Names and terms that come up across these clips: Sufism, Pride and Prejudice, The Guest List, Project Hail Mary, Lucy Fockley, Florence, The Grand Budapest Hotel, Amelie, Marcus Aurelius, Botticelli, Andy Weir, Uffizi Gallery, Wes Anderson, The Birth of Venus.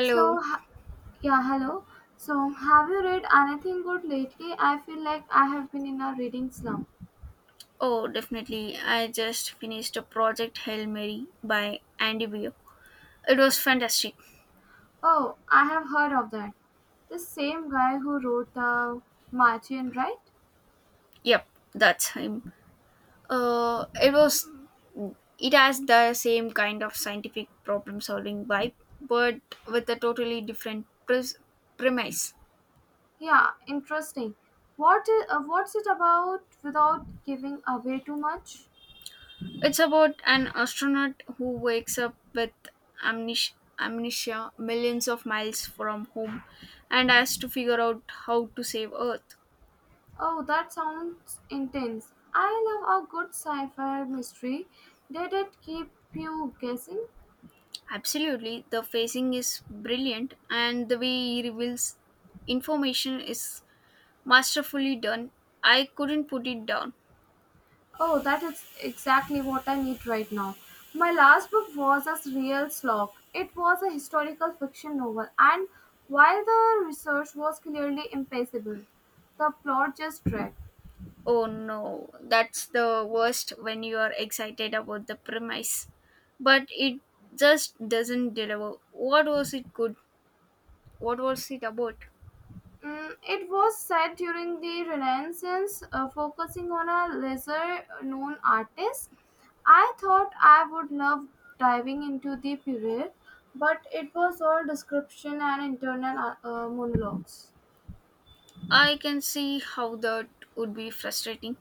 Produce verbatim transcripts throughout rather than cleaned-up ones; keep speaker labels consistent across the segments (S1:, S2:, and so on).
S1: So, ha- yeah, hello. So, have you read anything good lately? I feel like I have been in a reading slump.
S2: Oh, definitely. I just finished a project Hail Mary by Andy Weir. It was fantastic.
S1: Oh, I have heard of that. The same guy who wrote the Martian, right?
S2: Yep, that's him. Uh, it was. It has the same kind of scientific problem solving vibe, but with a totally different pres- premise.
S1: Yeah, interesting. What is, uh, what's it about without giving away too much?
S2: It's about an astronaut who wakes up with amnesia, amnesia millions of miles from home and has to figure out how to save Earth.
S1: Oh, that sounds intense. I love a good sci-fi mystery. Did it keep you guessing?
S2: Absolutely, the facing is brilliant, and the way he reveals information is masterfully done. I couldn't put it down.
S1: Oh, that is exactly what I need right now. My last book was a real slog. It was a historical fiction novel, and while the research was clearly impeccable, the plot just dragged.
S2: Oh no, that's the worst when you are excited about the premise, but it just doesn't deliver. What was it good? What was it about?
S1: Mm, it was set during the Renaissance, uh, focusing on a lesser known artist. I thought I would love diving into the period, but it was all description and internal uh, uh, monologues.
S2: I can see how that would be frustrating.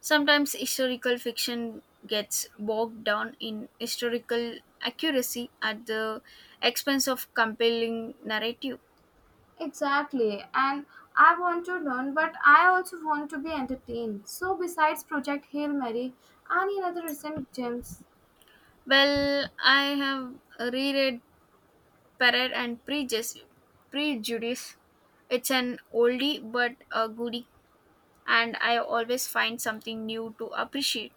S2: Sometimes historical fiction gets bogged down in historical accuracy at the expense of compelling narrative.
S1: Exactly. And I want to learn, but I also want to be entertained. So, besides Project Hail Mary, any other recent gems?
S2: Well, I have reread Pride and Prejudice. Prejudice. It's an oldie but a goodie, and I always find something new to appreciate.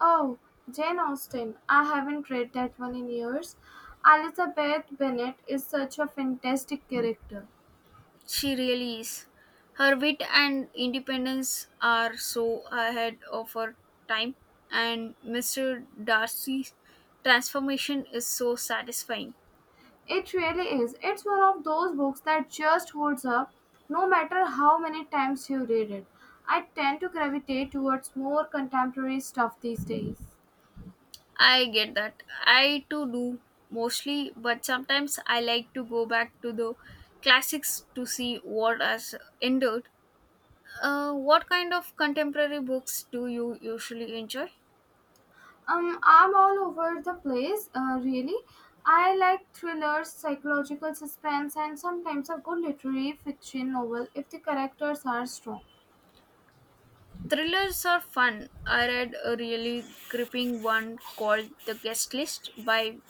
S1: Oh, Jane Austen. I haven't read that one in years. Elizabeth Bennet is such a fantastic character.
S2: She really is. Her wit and independence are so ahead of her time, and Mister Darcy's transformation is so satisfying.
S1: It really is. It's one of those books that just holds up no matter how many times you read it. I tend to gravitate towards more contemporary stuff these days.
S2: I get that. I too do mostly, but sometimes I like to go back to the classics to see what has endured. Uh, what kind of contemporary books do you usually enjoy?
S1: Um, I'm all over the place, uh, really. I like thrillers, psychological suspense, and sometimes a good literary fiction novel if the characters are strong.
S2: Thrillers are fun. I read a really gripping one called The Guest List by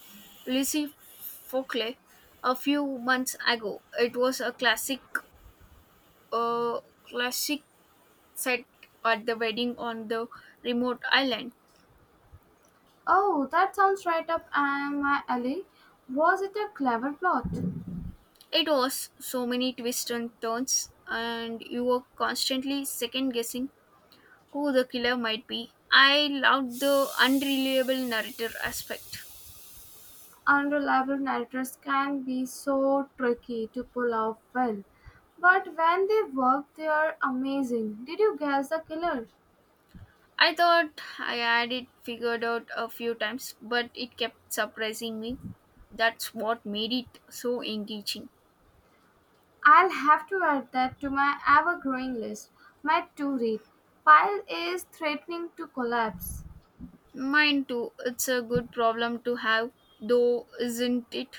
S2: Lucy Fockley a few months ago. It was a classic uh, classic set at the wedding on the remote island.
S1: Oh, that sounds right up um, my alley. Was it a clever plot?
S2: It was so many twists and turns and you were constantly second guessing who the killer might be. I loved the unreliable narrator aspect.
S1: Unreliable narrators can be so tricky to pull off well, but when they work, they are amazing. Did you guess the killer?
S2: I thought I had it figured out a few times, but it kept surprising me. That's what made it so engaging.
S1: I'll have to add that to my ever growing list. My to read pile is threatening to collapse.
S2: Mine too, it's a good problem to have, though, isn't it?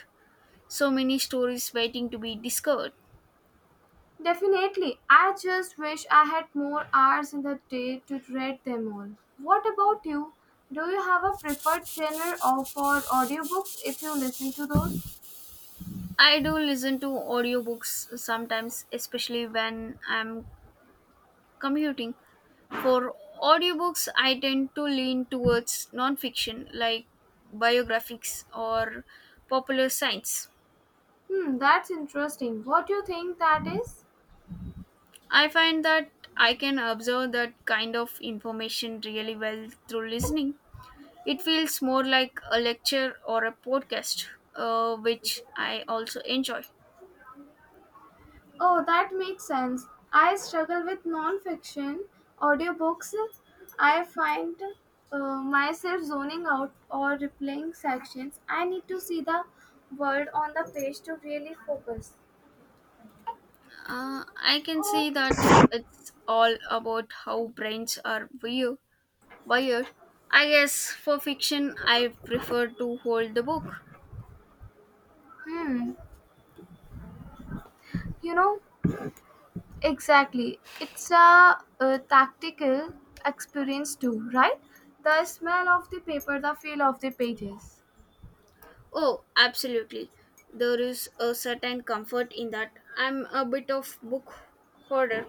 S2: So many stories waiting to be discovered.
S1: Definitely, I just wish I had more hours in the day to read them all. What about you? Do you have a preferred genre or for audiobooks if you listen to those?
S2: I do listen to audiobooks sometimes, especially when I'm commuting. For audiobooks, I tend to lean towards nonfiction, like biographies or popular science.
S1: Hmm, that's interesting. What do you think that is?
S2: I find that I can observe that kind of information really well through listening. It feels more like a lecture or a podcast, uh, which I also enjoy.
S1: Oh, that makes sense. I struggle with non-fiction audiobooks. I find uh, myself zoning out or replaying sections. I need to see the word on the page to really focus.
S2: Uh, I can see that it's all about how brains are view- wired. I guess for fiction, I prefer to hold the book.
S1: Hmm. You know, exactly. It's a, a tactical experience too, right? The smell of the paper, the feel of the pages.
S2: Oh, absolutely. There is a certain comfort in that. I'm a bit of book hoarder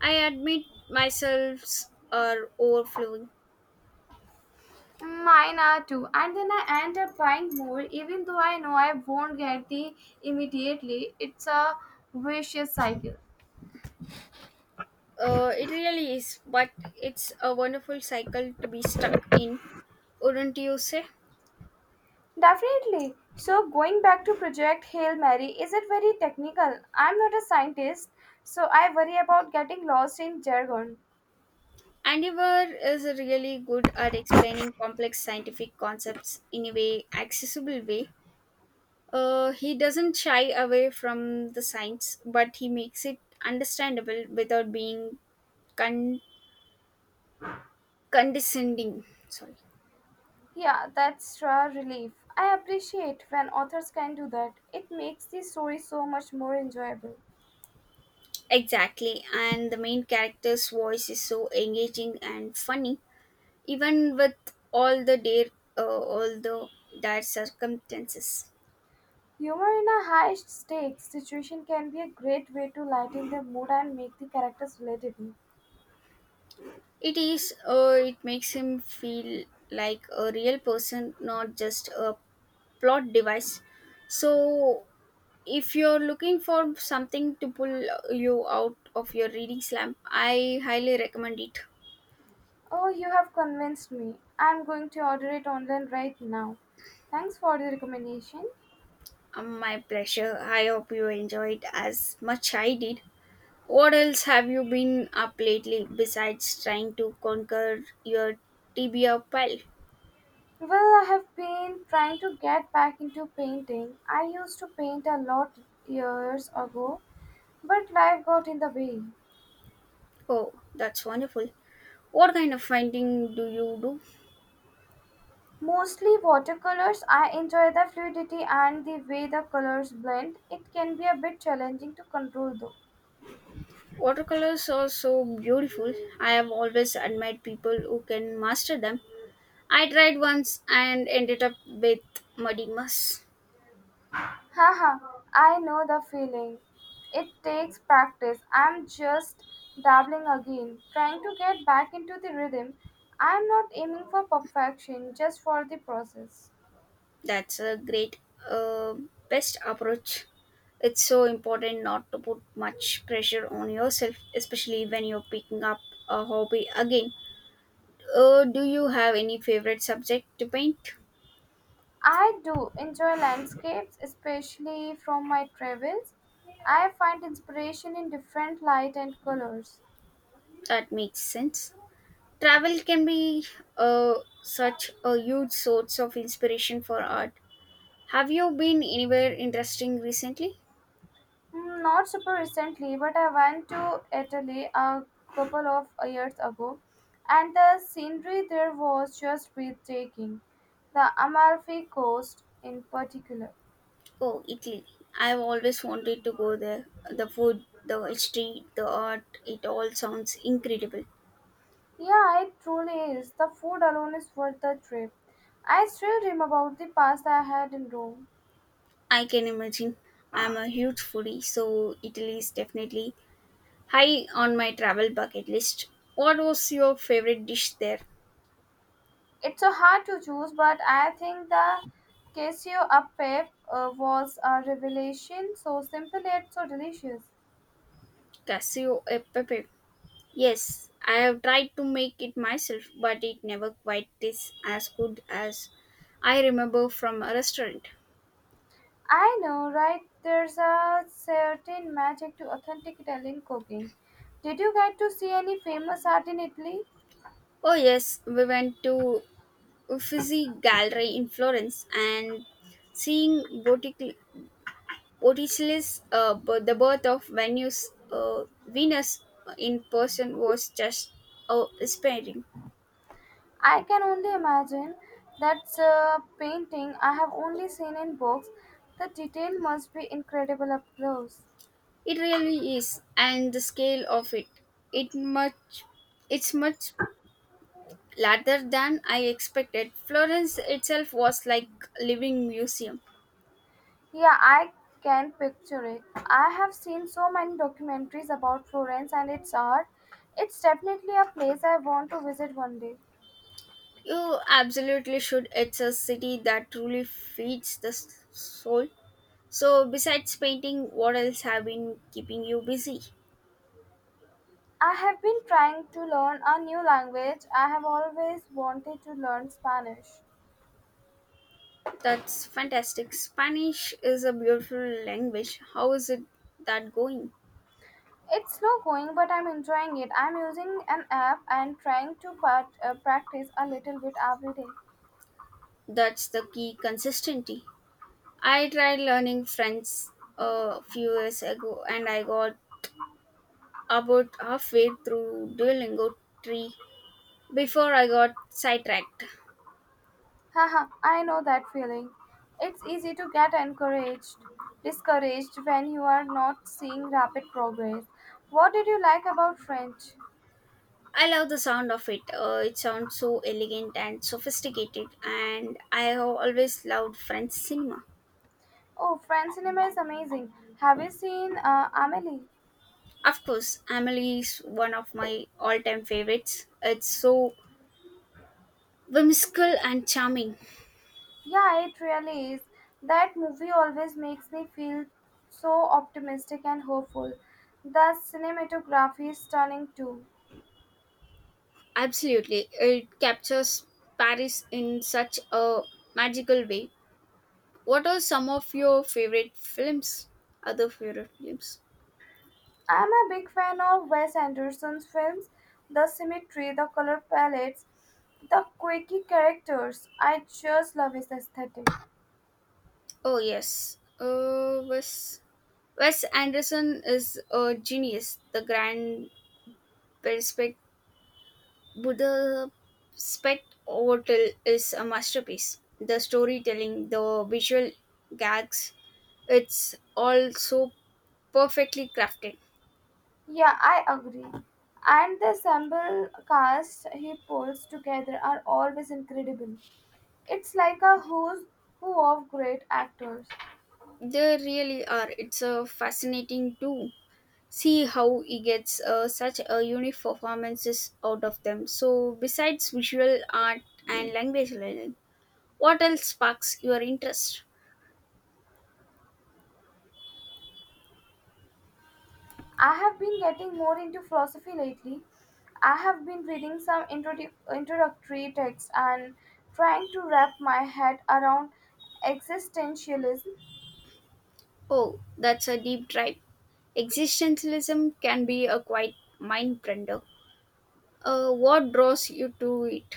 S2: I admit myselves are overflowing.
S1: Mine are too, and then I end up buying more, even though I know I won't get the immediately. It's a vicious cycle.
S2: Uh, it really is, but it's a wonderful cycle to be stuck in, wouldn't you say?
S1: Definitely. So, going back to Project Hail Mary, is it very technical? I'm not a scientist, so I worry about getting lost in jargon.
S2: Andivar is really good at explaining complex scientific concepts in a way accessible way. Uh, he doesn't shy away from the science, but he makes it understandable without being con- condescending. Sorry.
S1: Yeah, that's a relief. I appreciate when authors can do that. It makes the story so much more enjoyable.
S2: Exactly, and the main character's voice is so engaging and funny even with all the dare uh, all the dire circumstances.
S1: Humor in a high stakes situation can be a great way to lighten the mood and make the characters relatable.
S2: It is uh, it makes him feel like a real person, not just a plot device. So if you're looking for something to pull you out of your reading slump, I highly recommend it.
S1: Oh, you have convinced me. I'm going to order it online right now. Thanks for the recommendation.
S2: Um, my pleasure. I hope you enjoyed as much I did. What else have you been up lately, besides trying to conquer your tibia pile?
S1: Well, I have been trying to get back into painting. I used to paint a lot years ago, but life got in the way.
S2: Oh, that's wonderful. What kind of painting do you do?
S1: Mostly watercolors, I enjoy the fluidity and the way the colors blend. It can be a bit challenging to control though.
S2: Watercolors are so beautiful. I have always admired people who can master them. I tried once and ended up with muddy mess.
S1: Haha, I know the feeling. It takes practice. I'm just dabbling again, trying to get back into the rhythm. I'm not aiming for perfection, just for the process.
S2: That's a great, uh, best approach. It's so important not to put much pressure on yourself, especially when you're picking up a hobby again. Uh, do you have any favorite subject to paint?
S1: I do enjoy landscapes, especially from my travels. I find inspiration in different light and colors.
S2: That makes sense. Travel can be uh, such a huge source of inspiration for art. Have you been anywhere interesting recently?
S1: Mm, not super recently, but I went to Italy a couple of years ago, and the scenery there was just breathtaking. The Amalfi Coast, in particular.
S2: Oh, Italy. I've always wanted to go there. The food, the history, the art, it all sounds incredible.
S1: Yeah, it truly is. The food alone is worth the trip. I still dream about the pasta I had in Rome.
S2: I can imagine. I'm a huge foodie, so Italy is definitely high on my travel bucket list. What was your favorite dish there?
S1: It's so hard to choose, but I think the queso a pepe uh, was a revelation. So simple yet so delicious.
S2: Cassio e pepe. Yes, I have tried to make it myself, but it never quite tastes as good as I remember from a restaurant.
S1: I know, right? There's a certain magic to authentic Italian cooking. Did you get to see any famous art in Italy?
S2: Oh yes, we went to Uffizi Gallery in Florence and seeing Bottic- Botticelli's uh, b- The Birth of Venus, uh, Venus in person was just uh, inspiring.
S1: I can only imagine. That's a painting I have only seen in books. The detail must be incredible up close.
S2: It really is, and the scale of it, it much, it's much later than I expected. Florence itself was like living museum.
S1: I curate. I have seen so many documentaries about Florence and its art. It's definitely a place I want to one day.
S2: You absolutely should. It's a city that truly feeds the s- soul. So besides painting, what else have been keeping you busy?
S1: I have been trying to learn a new language. I have always wanted to learn Spanish.
S2: That's fantastic. Spanish is a beautiful language. How is it that going?
S1: It's slow going, but I'm enjoying it. I'm using an app and trying to part, uh, practice a little bit every day.
S2: That's the key consistency. I tried learning French a few years ago and I got about halfway through Duolingo three before I got sidetracked.
S1: Haha, I know that feeling. It's easy to get encouraged, discouraged when you are not seeing rapid progress. What did you like about French?
S2: I love the sound of it. Uh, it sounds so elegant and sophisticated, and I have always loved French cinema.
S1: Oh, French cinema is amazing. Have you seen uh, Amelie?
S2: Of course, Amelie is one of my all time favorites. It's so whimsical and charming.
S1: Yeah, it really is. That movie always makes me feel so optimistic and hopeful. The cinematography is stunning too.
S2: Absolutely, it captures Paris in such a magical way. What are some of your favorite films? Other favorite films?
S1: I'm a big fan of Wes Anderson's films. The symmetry, the color palettes, the quirky characters. I just love his aesthetic.
S2: Oh, yes. Uh, was Wes Anderson is a genius. The Grand Perspect Budapest Hotel is a masterpiece. The storytelling, the visual gags, it's all so perfectly crafted.
S1: Yeah, I agree. And the ensemble cast he pulls together are always incredible. It's like a who's who of great actors.
S2: They really are. It's a fascinating to see how he gets uh, such a unique performances out of them. So, besides visual art and language learning, what else sparks your interest?
S1: I have been getting more into philosophy lately. I have been reading some introdu- introductory texts and trying to wrap my head around existentialism.
S2: Oh, that's a deep drive. Existentialism can be a quite mind bender. Uh, what draws you to it?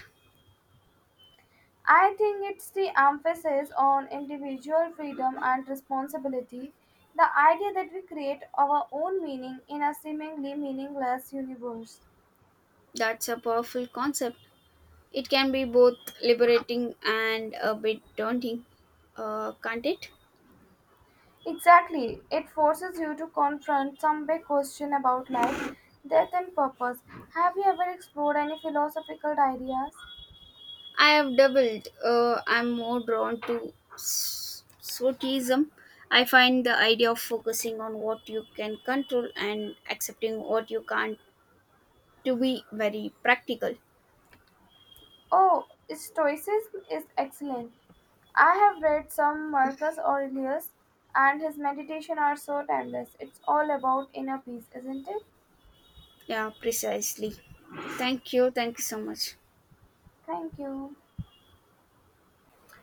S1: I think it's the emphasis on individual freedom and responsibility, the idea that we create our own meaning in a seemingly meaningless universe.
S2: That's a powerful concept. It can be both liberating and a bit daunting, uh, can't it?
S1: Exactly. It forces you to confront some big question about life, death, and purpose. Have you ever explored any philosophical ideas?
S2: I have doubled. Uh, I'm more drawn to s- Sufism. I find the idea of focusing on what you can control and accepting what you can't to be very practical.
S1: Oh, Stoicism is excellent. I have read some Marcus Aurelius, and his meditation are so timeless. It's all about inner peace, isn't it?
S2: Yeah, precisely. Thank you. Thank you so much.
S1: Thank you.